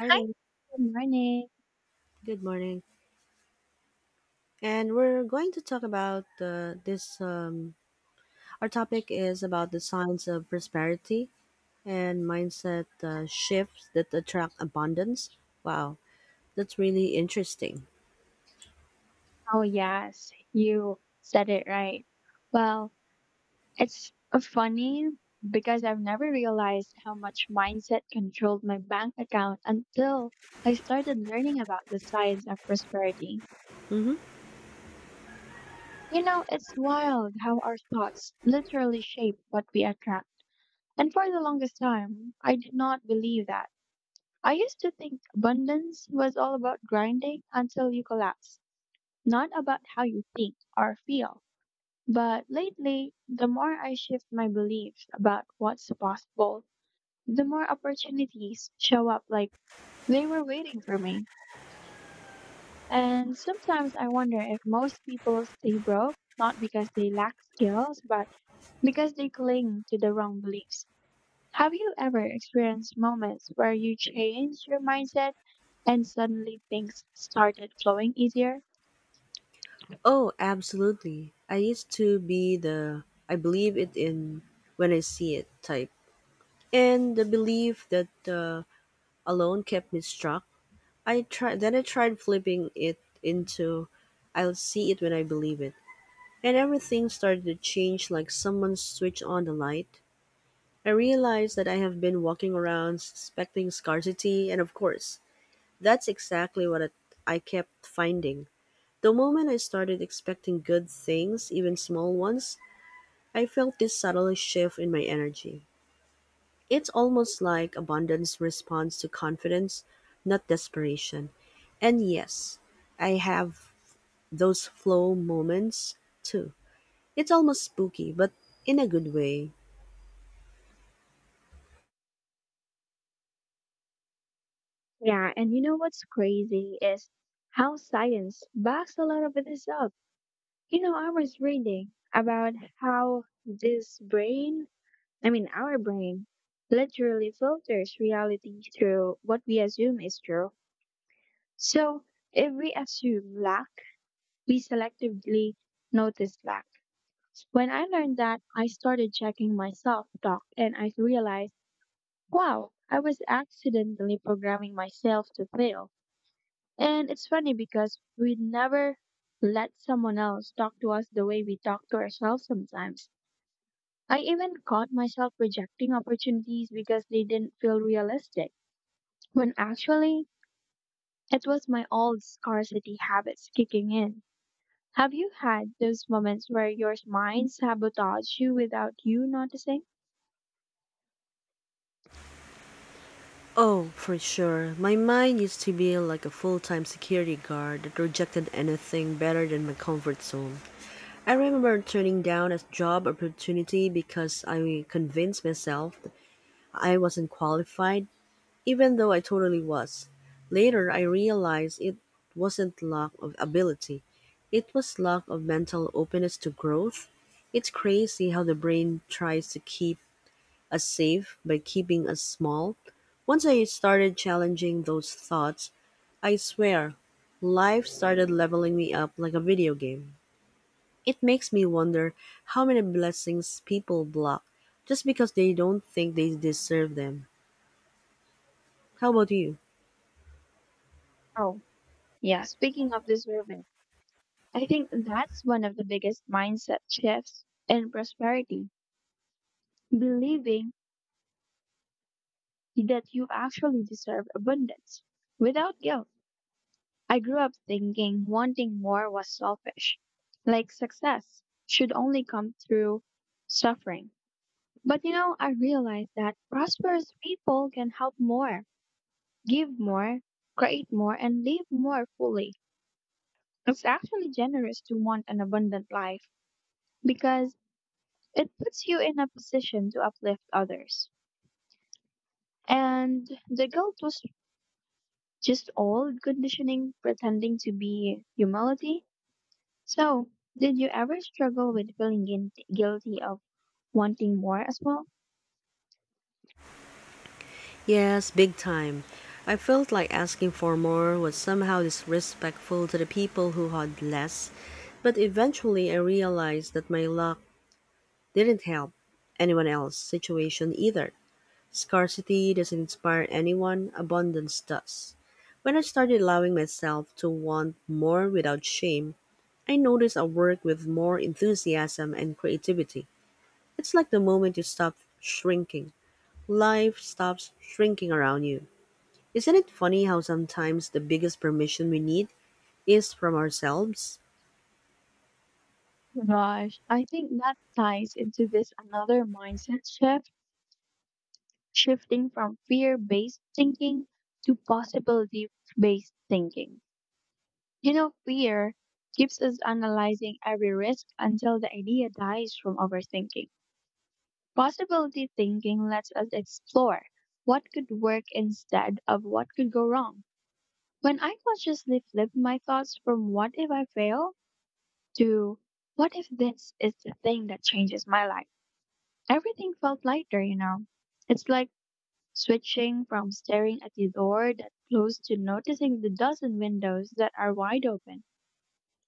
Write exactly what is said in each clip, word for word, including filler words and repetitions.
Hi Hi, there. good morning. Good morning. And we're going to talk about uh, this. Um, our topic is about the signs of prosperity and mindset uh, shifts that attract abundance. Wow, that's really interesting. Oh, yes, you said it right. Well, it's uh, funny because I've never realized how much mindset controlled my bank account until I started learning about the science of prosperity. Mm-hmm. You know, it's wild how our thoughts literally shape what we attract. And for the longest time, I did not believe that. I used to think abundance was all about grinding until you collapse, not about how you think or feel. But lately, the more I shift my beliefs about what's possible, the more opportunities show up like they were waiting for me. And sometimes I wonder if most people stay broke not because they lack skills, but because they cling to the wrong beliefs. Have you ever experienced moments where you changed your mindset and suddenly things started flowing easier? Oh, absolutely. I used to be the I believe it in when I see it type, and the belief that uh, alone kept me struck. I tried then I tried flipping it into I'll see it when I believe it, and everything started to change like someone switched on the light. I realized that I have been walking around suspecting scarcity, and of course, that's exactly what it, I kept finding. The moment I started expecting good things, even small ones, I felt this subtle shift in my energy. It's almost like abundance responds to confidence, not desperation. And yes, I have those flow moments too. It's almost spooky, but in a good way. Yeah, and you know what's crazy is how science backs a lot of this up. You know, I was reading about how this brain, I mean, our brain, literally filters reality through what we assume is true. So if we assume lack, we selectively notice lack. When I learned that, I started checking my self talk and I realized, wow, I was accidentally programming myself to fail. And it's funny because we never let someone else talk to us the way we talk to ourselves sometimes. I even caught myself rejecting opportunities because they didn't feel realistic, when actually it was my old scarcity habits kicking in. Have you had those moments where your mind sabotaged you without you noticing? Oh, for sure. My mind used to be like a full time security guard that rejected anything better than my comfort zone. I remember turning down a job opportunity because I convinced myself that I wasn't qualified, even though I totally was. Later, I realized it wasn't lack of ability, it was lack of mental openness to growth. It's crazy how the brain tries to keep us safe by keeping us small. Once I started challenging those thoughts, I swear, life started leveling me up like a video game. It makes me wonder how many blessings people block just because they don't think they deserve them. How about you? Oh, yeah, speaking of discernment, I think that's one of the biggest mindset shifts in prosperity, believing that you actually deserve abundance without guilt. I grew up thinking wanting more was selfish, like success should only come through suffering. But you know, I realized that prosperous people can help more, give more, create more, and live more fully. It's actually generous to want an abundant life because it puts you in a position to uplift others. And the guilt was just old conditioning pretending to be humility. So, did you ever struggle with feeling guin- guilty of wanting more as well? Yes, big time. I felt like asking for more was somehow disrespectful to the people who had less, but eventually I realized that my luck didn't help anyone else's situation either. Scarcity doesn't inspire anyone, abundance does. When I started allowing myself to want more without shame, I noticed I work with more enthusiasm and creativity. It's like the moment you stop shrinking, life stops shrinking around you. Isn't it funny how sometimes the biggest permission we need is from ourselves? Gosh, I think that ties into this another mindset shift, shifting from fear based thinking to possibility based thinking. You know, fear keeps us analyzing every risk until the idea dies from overthinking. Possibility thinking lets us explore what could work instead of what could go wrong. When I consciously flip my thoughts from what if I fail to what if this is the thing that changes my life, everything felt lighter, you know. It's like switching from staring at the door that closed to noticing the dozen windows that are wide open.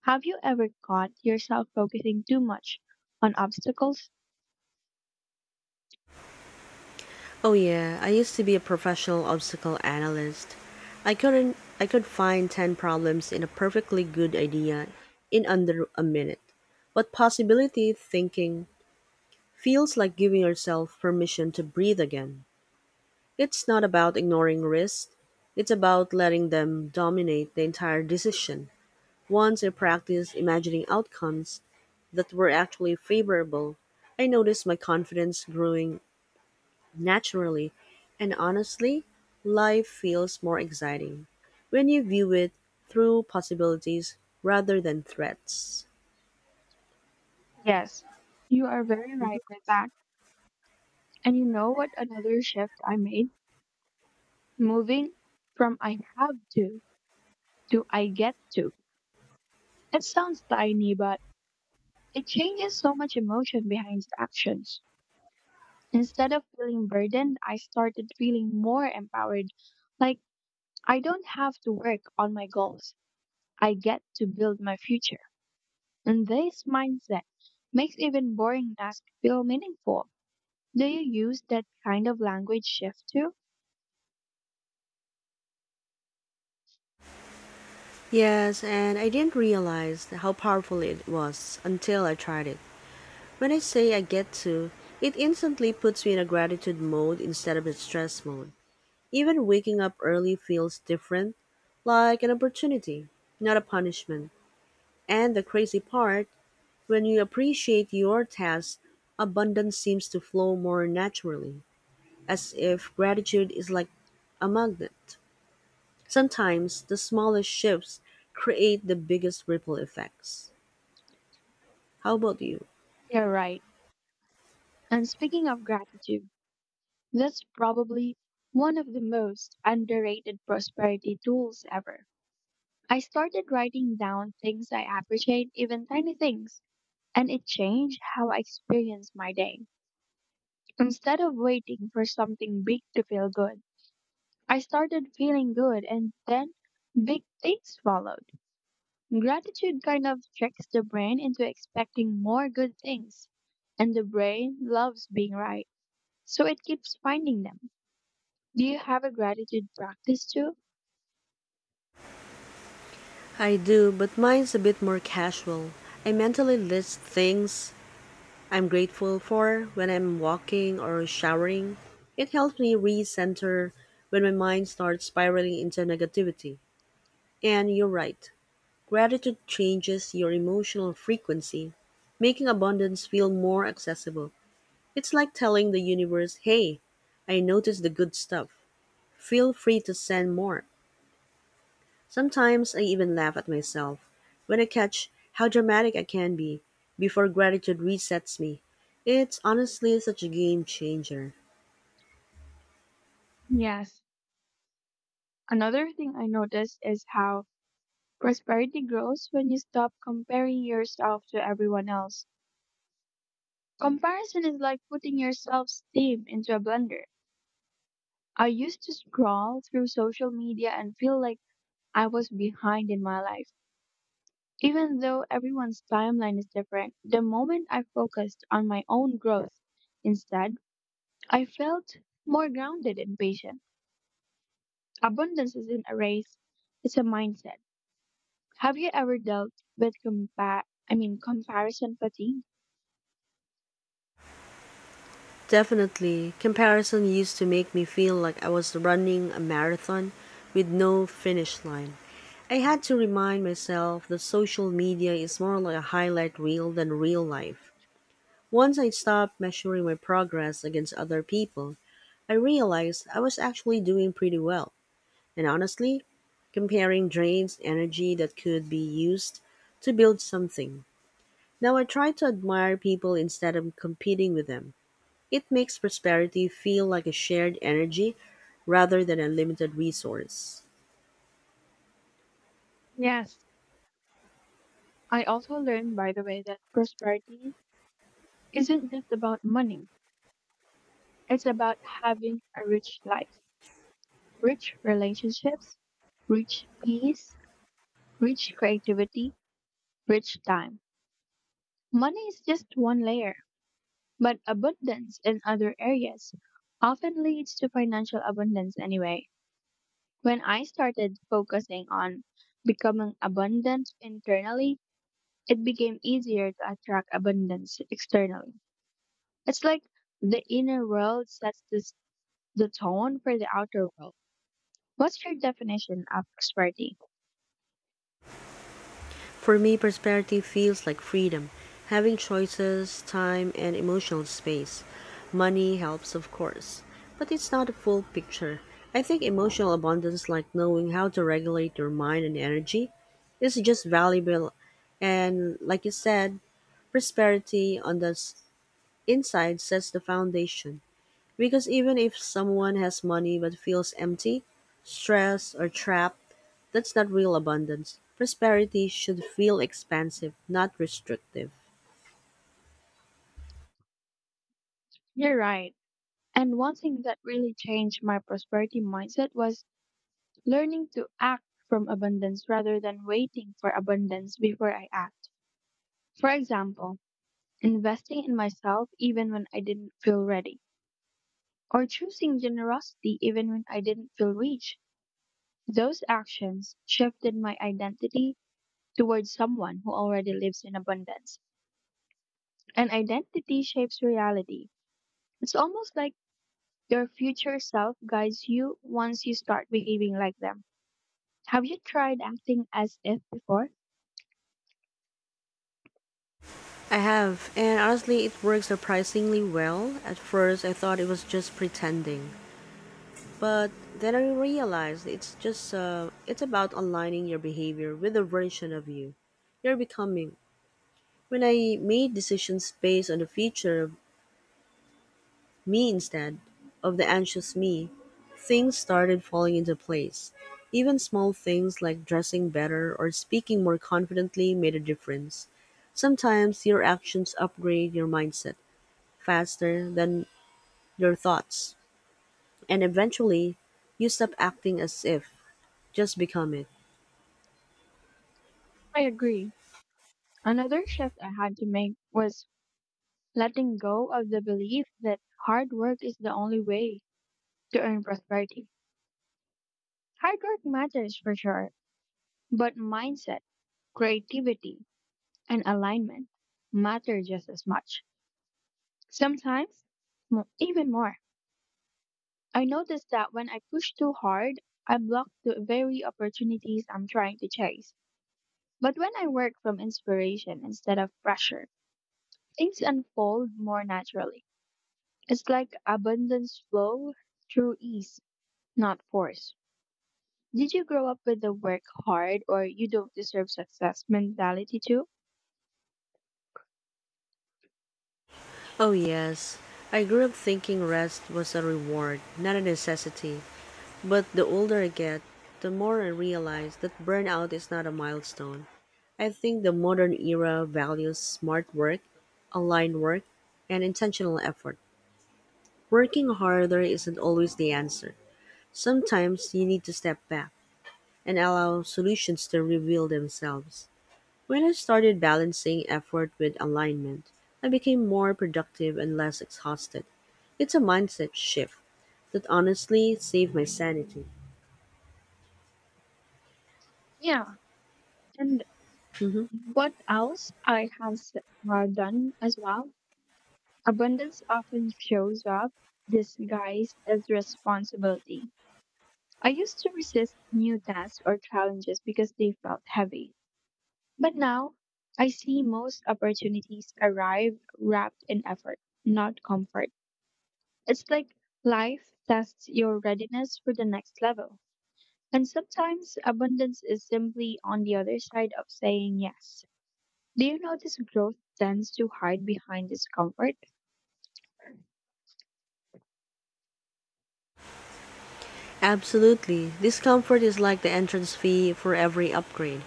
Have you ever caught yourself focusing too much on obstacles? Oh yeah, I used to be a professional obstacle analyst. I couldn't I could find ten problems in a perfectly good idea in under a minute. But possibility thinking feels like giving yourself permission to breathe again. It's not about ignoring risks, it's about letting them dominate the entire decision. Once I practiced imagining outcomes that were actually favorable, I noticed my confidence growing naturally, and honestly, life feels more exciting when you view it through possibilities rather than threats. Yes, you are very right with that. And you know what another shift I made? Moving from I have to to I get to. It sounds tiny, but it changes so much emotion behind the actions. Instead of feeling burdened, I started feeling more empowered. Like, I don't have to work on my goals. I get to build my future. And this mindset makes even boring tasks feel meaningful. Do you use that kind of language shift too? Yes, and I didn't realize how powerful it was until I tried it. When I say I get to, it instantly puts me in a gratitude mode instead of a stress mode. Even waking up early feels different, like an opportunity, not a punishment. And the crazy part, when you appreciate your tasks, abundance seems to flow more naturally, as if gratitude is like a magnet. Sometimes the smallest shifts create the biggest ripple effects. How about you? You're right. And speaking of gratitude, that's probably one of the most underrated prosperity tools ever. I started writing down things I appreciate, even tiny things, and it changed how I experience my day. Instead of waiting for something big to feel good, I started feeling good and then big things followed. Gratitude kind of tricks the brain into expecting more good things, and the brain loves being right, so it keeps finding them. Do you have a gratitude practice too? I do, but mine's a bit more casual. I mentally list things I'm grateful for when I'm walking or showering. It helps me recenter when my mind starts spiraling into negativity. And you're right, gratitude changes your emotional frequency, making abundance feel more accessible. It's like telling the universe, hey, I noticed the good stuff. Feel free to send more. Sometimes I even laugh at myself when I catch how dramatic I can be before gratitude resets me. It's honestly such a game changer. Yes. Another thing I noticed is how prosperity grows when you stop comparing yourself to everyone else. Comparison is like putting your self esteem into a blender. I used to scroll through social media and feel like I was behind in my life. Even though everyone's timeline is different, the moment I focused on my own growth instead, I felt more grounded and patient. Abundance isn't a race, it's a mindset. Have you ever dealt with compa- I mean comparison fatigue? Definitely, comparison used to make me feel like I was running a marathon with no finish line. I had to remind myself that social media is more like a highlight reel than real life. Once I stopped measuring my progress against other people, I realized I was actually doing pretty well. And honestly, comparing drains energy that could be used to build something. Now I try to admire people instead of competing with them. It makes prosperity feel like a shared energy rather than a limited resource. Yes, I also learned, by the way, that prosperity isn't just about money. It's about having a rich life, rich relationships, rich peace, rich creativity, rich time. Money is just one layer, but abundance in other areas often leads to financial abundance anyway. When I started focusing on becoming abundant internally, it became easier to attract abundance externally. It's like the inner world sets this, the tone for the outer world. What's your definition of prosperity? For me, prosperity feels like freedom, having choices, time, and emotional space. Money helps, of course, but it's not a full picture. I think emotional abundance, like knowing how to regulate your mind and energy, is just valuable. And like you said, prosperity on the s- inside sets the foundation. Because even if someone has money but feels empty, stressed, or trapped, that's not real abundance. Prosperity should feel expansive, not restrictive. You're right. And one thing that really changed my prosperity mindset was learning to act from abundance rather than waiting for abundance before I act. For example, investing in myself even when I didn't feel ready, or choosing generosity even when I didn't feel rich. Those actions shifted my identity towards someone who already lives in abundance. And identity shapes reality. It's almost like your future self guides you once you start behaving like them. Have you tried acting as if before? I have, and honestly, it works surprisingly well. At first, I thought it was just pretending, but then I realized it's just uh, it's about aligning your behavior with the version of you you're becoming. When I made decisions based on the future of me instead of the anxious me, things started falling into place. Even small things like dressing better or speaking more confidently made a difference. Sometimes your actions upgrade your mindset faster than your thoughts, and eventually you stop acting as if, just become it. I agree. Another shift I had to make was letting go of the belief that hard work is the only way to earn prosperity. Hard work matters for sure, but mindset, creativity, and alignment matter just as much. Sometimes, mo- even more. I noticed that when I push too hard, I block the very opportunities I'm trying to chase. But when I work from inspiration instead of pressure, things unfold more naturally. It's like abundance flow through ease, not force. Did you grow up with the work hard or you don't deserve success mentality too? Oh, yes. I grew up thinking rest was a reward, not a necessity. But the older I get, the more I realize that burnout is not a milestone. I think the modern era values smart work, aligned work, and intentional effort. Working harder isn't always the answer. Sometimes you need to step back and allow solutions to reveal themselves. When I started balancing effort with alignment, I became more productive and less exhausted. It's a mindset shift that honestly saved my sanity. Yeah. And Mhm. what else I have s- uh, done as well? Abundance often shows up disguised as responsibility. I used to resist new tasks or challenges because they felt heavy. But now, I see most opportunities arrive wrapped in effort, not comfort. It's like life tests your readiness for the next level. And sometimes abundance is simply on the other side of saying yes. Do you notice growth tends to hide behind discomfort? Absolutely. Discomfort is like the entrance fee for every upgrade.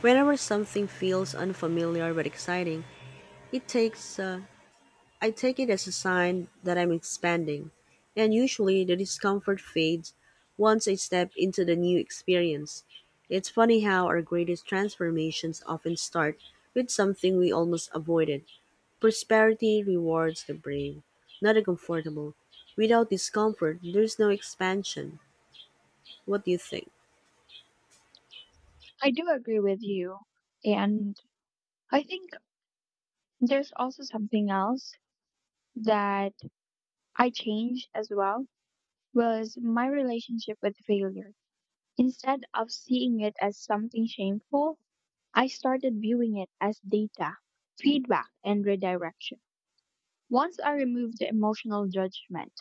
Whenever something feels unfamiliar but exciting, it takes uh, I take it as a sign that I'm expanding, and usually the discomfort fades once I step into the new experience. It's funny how our greatest transformations often start with something we almost avoided. Prosperity rewards the brave, not the comfortable. Without discomfort, there's no expansion. What do you think? I do agree with you. And I think there's also something else that I changed as well was my relationship with failure. Instead of seeing it as something shameful, I started viewing it as data, feedback, and redirection. Once I removed the emotional judgment,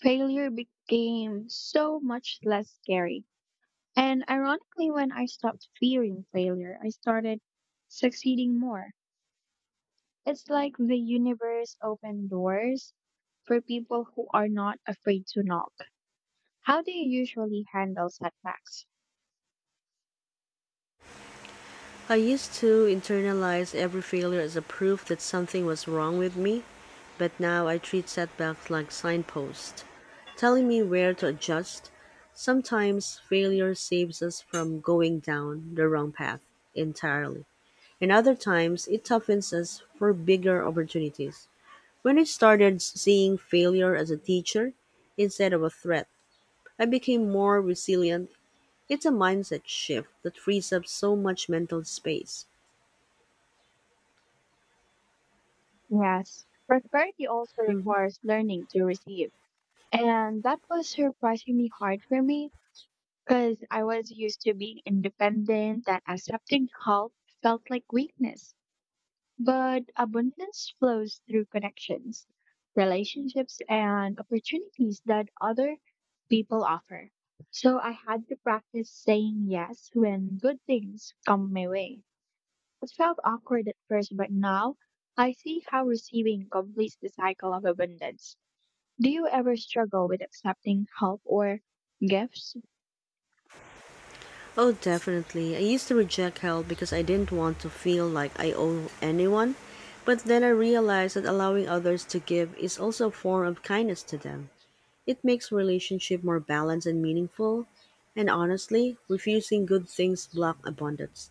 failure became so much less scary. And ironically, when I stopped fearing failure, I started succeeding more. It's like the universe opened doors for people who are not afraid to knock. How do you usually handle setbacks? I used to internalize every failure as a proof that something was wrong with me, but now I treat setbacks like signposts, telling me where to adjust. Sometimes failure saves us from going down the wrong path entirely, and other times it toughens us for bigger opportunities. When I started seeing failure as a teacher instead of a threat, I became more resilient. It's a mindset shift that frees up so much mental space. Yes, prosperity also Mm-hmm. requires learning to receive. And that was surprisingly hard for me because I was used to being independent and accepting help felt like weakness. But abundance flows through connections, relationships, and opportunities that other people offer. So I had to practice saying yes when good things come my way. It felt awkward at first, but now I see how receiving completes the cycle of abundance. Do you ever struggle with accepting help or gifts? Oh, definitely. I used to reject help because I didn't want to feel like I owe anyone, but then I realized that allowing others to give is also a form of kindness to them. It makes relationship more balanced and meaningful, and honestly, refusing good things block abundance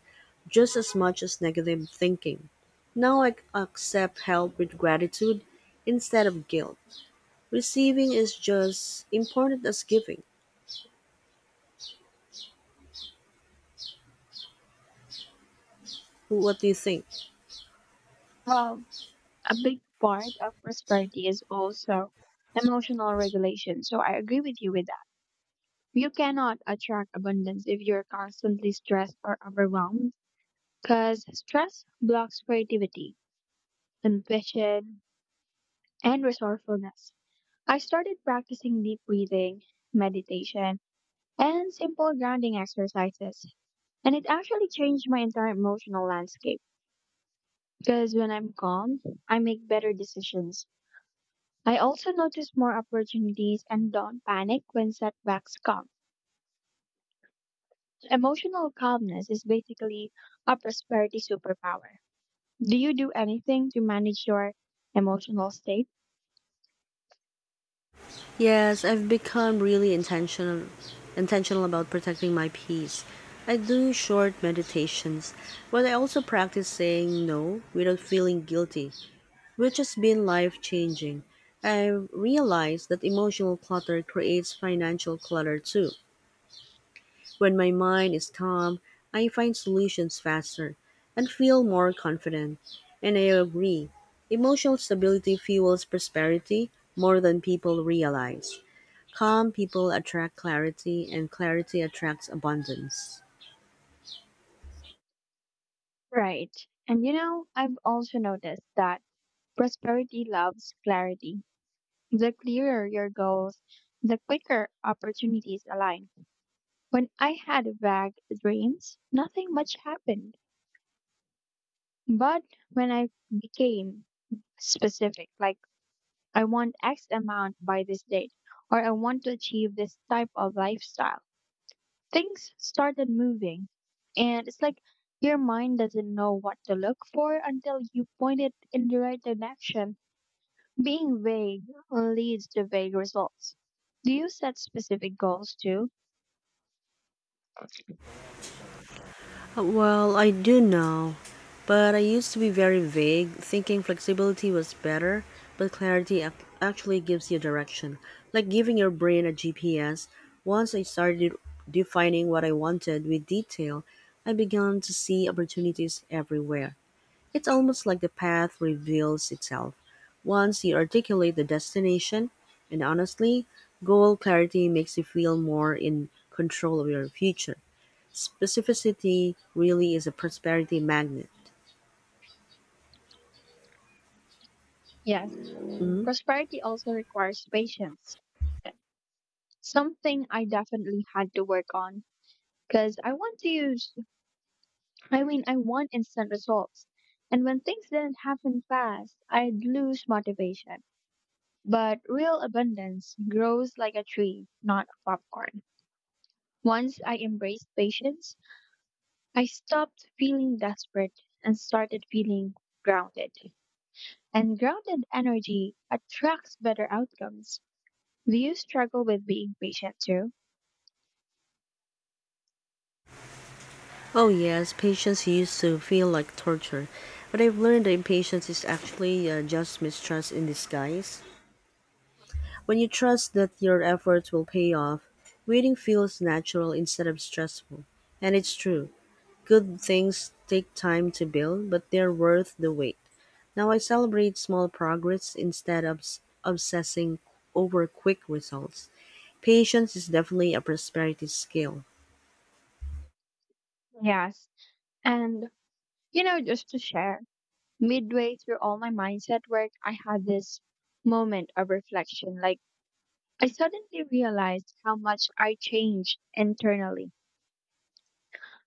just as much as negative thinking. Now I c- accept help with gratitude instead of guilt. Receiving is just important as giving. What do you think? Well, a big part of prosperity is also emotional regulation. So I agree with you with that. You cannot attract abundance if you're constantly stressed or overwhelmed because stress blocks creativity, ambition, and resourcefulness. I started practicing deep breathing, meditation, and simple grounding exercises. And it actually changed my entire emotional landscape because when I'm calm, I make better decisions. I also notice more opportunities and don't panic when setbacks come. Emotional calmness is basically a prosperity superpower. Do you do anything to manage your emotional state? Yes, I've become really intentional intentional about protecting my peace. I do short meditations, but I also practice saying no without feeling guilty, which has been life-changing. I've realized that emotional clutter creates financial clutter too. When my mind is calm, I find solutions faster and feel more confident. And I agree, emotional stability fuels prosperity more than people realize. Calm people attract clarity, and clarity attracts abundance. Right. And you know, I've also noticed that prosperity loves clarity. The clearer your goals, the quicker opportunities align. When I had vague dreams, nothing much happened. But when I became specific, like I want X amount by this date, or I want to achieve this type of lifestyle, things started moving. And it's like your mind doesn't know what to look for until you point it in the right direction. Being vague leads to vague results. Do you set specific goals too? Well, I do now, but I used to be very vague, thinking flexibility was better, but clarity ac- actually gives you direction, like giving your brain a G P S. Once I started defining what I wanted with detail, I began to see opportunities everywhere. It's almost like the path reveals itself once you articulate the destination, and honestly, goal clarity makes you feel more in control of your future. Specificity really is a prosperity magnet. Yes, Mhm. prosperity also requires patience. Something I definitely had to work on because I want to use, I mean, I want instant results. And when things didn't happen fast, I'd lose motivation. But real abundance grows like a tree, not a popcorn. Once I embraced patience, I stopped feeling desperate and started feeling grounded. And grounded energy attracts better outcomes. Do you struggle with being patient too? Oh, yes, patience used to feel like torture, but I've learned that impatience is actually uh, just mistrust in disguise. When you trust that your efforts will pay off, waiting feels natural instead of stressful. And it's true, good things take time to build, but they're worth the wait. Now I celebrate small progress instead of s- obsessing over quick results. Patience is definitely a prosperity skill. Yes. And, you know, just to share, midway through all my mindset work, I had this moment of reflection. Like, I suddenly realized how much I changed internally.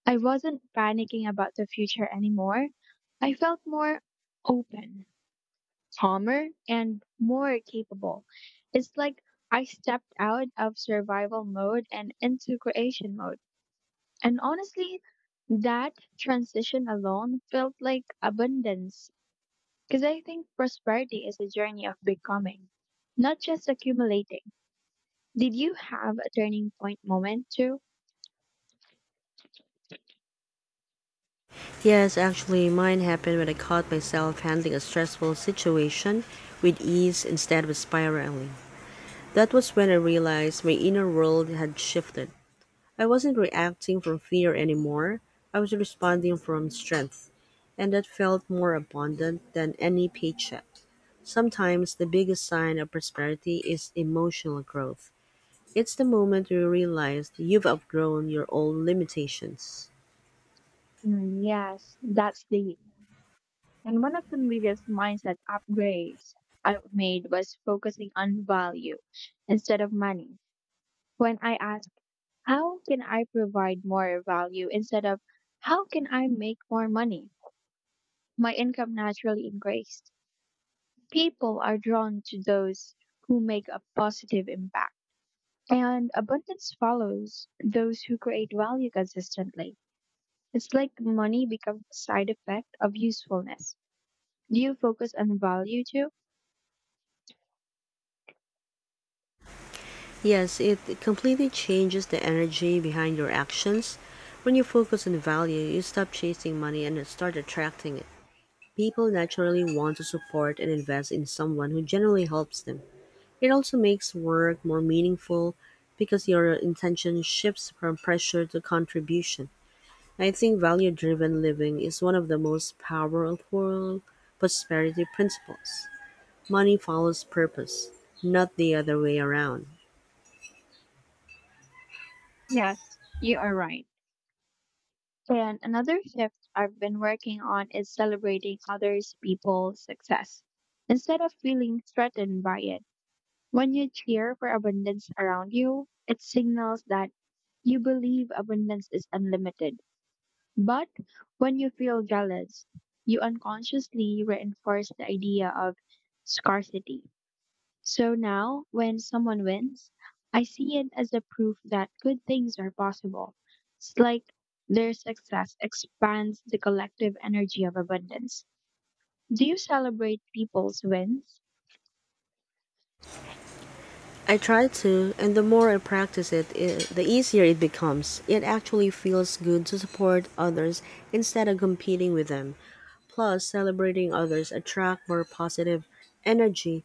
I wasn't panicking about the future anymore. I felt more open, calmer and more capable. It's like I stepped out of survival mode and into creation mode. And honestly, that transition alone felt like abundance because I think prosperity is a journey of becoming, not just accumulating. Did you have a turning point moment too? Yes, actually, mine happened when I caught myself handling a stressful situation with ease instead of spiraling. That was when I realized my inner world had shifted. I wasn't reacting from fear anymore, I was responding from strength, and that felt more abundant than any paycheck. Sometimes the biggest sign of prosperity is emotional growth. It's the moment you realize you've outgrown your own limitations. Mm, yes, that's deep. And one of the biggest mindset upgrades I've made was focusing on value instead of money. When I ask, how can I provide more value instead of how can I make more money? My income naturally increased. People are drawn to those who make a positive impact. And abundance follows those who create value consistently. It's like money becomes a side effect of usefulness. Do you focus on value too? Yes, it completely changes the energy behind your actions. When you focus on value, you stop chasing money and start attracting it. People naturally want to support and invest in someone who generally helps them. It also makes work more meaningful because your intention shifts from pressure to contribution. I think value driven living is one of the most powerful prosperity principles. Money follows purpose, not the other way around. Yes, you are right. And another shift I've been working on is celebrating others people's success instead of feeling threatened by it. When you cheer for abundance around you, it signals that you believe abundance is unlimited. But when you feel jealous, you unconsciously reinforce the idea of scarcity. So now, when someone wins, I see it as a proof that good things are possible. It's like their success expands the collective energy of abundance. Do you celebrate people's wins? I try to, and the more I practice it, I the easier it becomes. It actually feels good to support others instead of competing with them. Plus, celebrating others attract more positive energy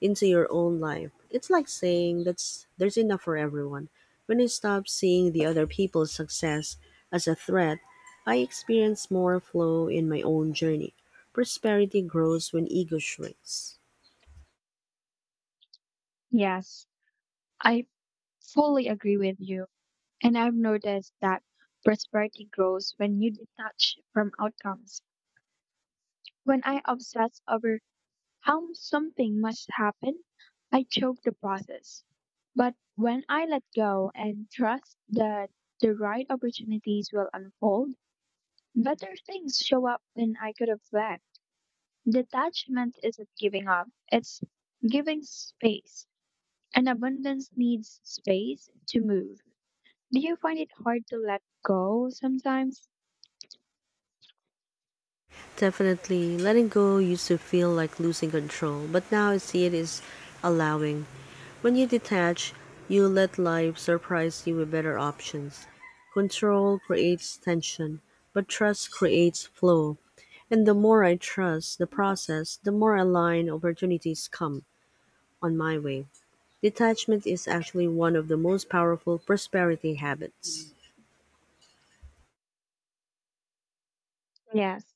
into your own life. It's like saying that's there's enough for everyone. When I stopped seeing the other people's success as a threat, I experience more flow in my own journey. Prosperity grows when ego shrinks. Yes, I fully agree with you. And I've noticed that prosperity grows when you detach from outcomes. When I obsess over how something must happen, I choke the process. But when I let go and trust that the right opportunities will unfold, better things show up than I could have planned. Detachment isn't giving up, it's giving space. And abundance needs space to move. Do you find it hard to let go sometimes? Definitely, letting go used to feel like losing control, but now I see it as allowing. When you detach, you let life surprise you with better options. Control creates tension, but trust creates flow. And the more I trust the process, the more aligned opportunities come on my way. Detachment is actually one of the most powerful prosperity habits. Yes.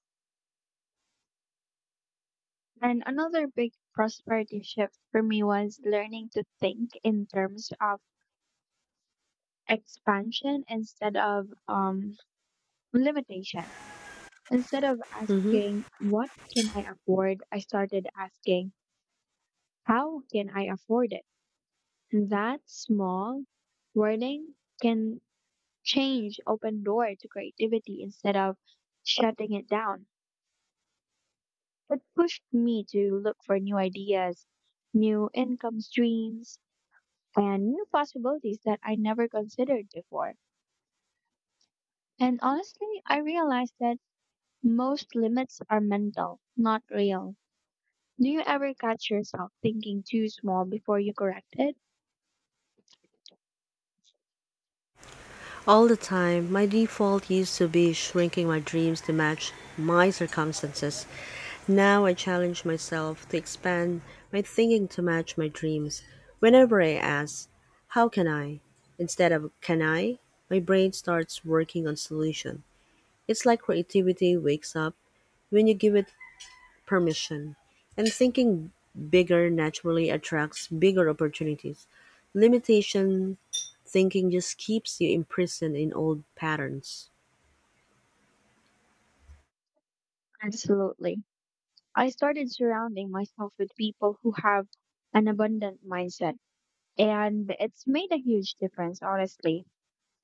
And another big prosperity shift for me was learning to think in terms of expansion instead of um, limitation. Instead of Mhm. asking, what can I afford? I started asking, how can I afford it? That small wording can change open door to creativity instead of shutting it down. It pushed me to look for new ideas, new income streams, and new possibilities that I never considered before. And honestly, I realized that most limits are mental, not real. Do you ever catch yourself thinking too small before you correct it? All the time, my default used to be shrinking my dreams to match my circumstances. Now I challenge myself to expand my thinking to match my dreams. Whenever I ask, how can I? Instead of can I, my brain starts working on solution. It's like creativity wakes up when you give it permission, and thinking bigger naturally attracts bigger opportunities. Limitation thinking just keeps you imprisoned in old patterns. Absolutely. I started surrounding myself with people who have an abundant mindset, and it's made a huge difference, honestly.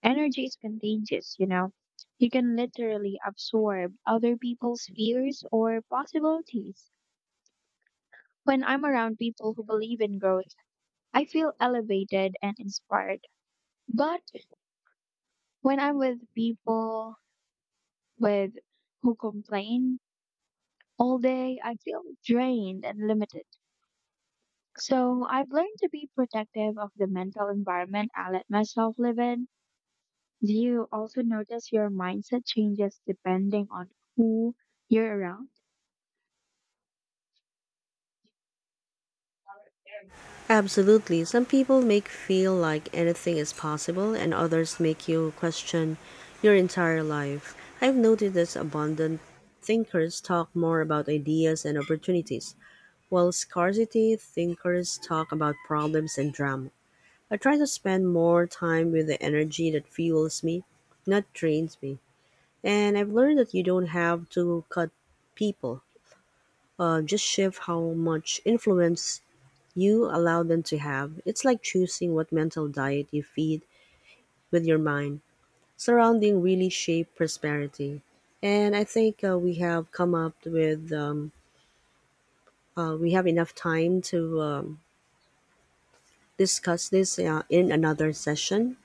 Energy is contagious, you know. You can literally absorb other people's fears or possibilities. When I'm around people who believe in growth, I feel elevated and inspired. But when I'm with people with who complain all day, I feel drained and limited. So I've learned to be protective of the mental environment I let myself live in. Do you also notice your mindset changes depending on who you're around? Absolutely, some people make feel like anything is possible, and others make you question your entire life. I've noted that abundant thinkers talk more about ideas and opportunities, while scarcity thinkers talk about problems and drama. I try to spend more time with the energy that fuels me, not drains me. And I've learned that you don't have to cut people. Uh, just shift how much influence you allow them to have. It's like choosing what mental diet you feed with your mind. Surrounding really shape prosperity. And I think uh, we have come up with, um, uh, we have enough time to um, discuss this uh, in another session.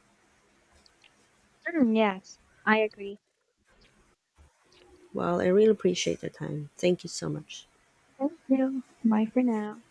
Mm, yes, I agree. Well, I really appreciate your time. Thank you so much. Thank you. Bye for now.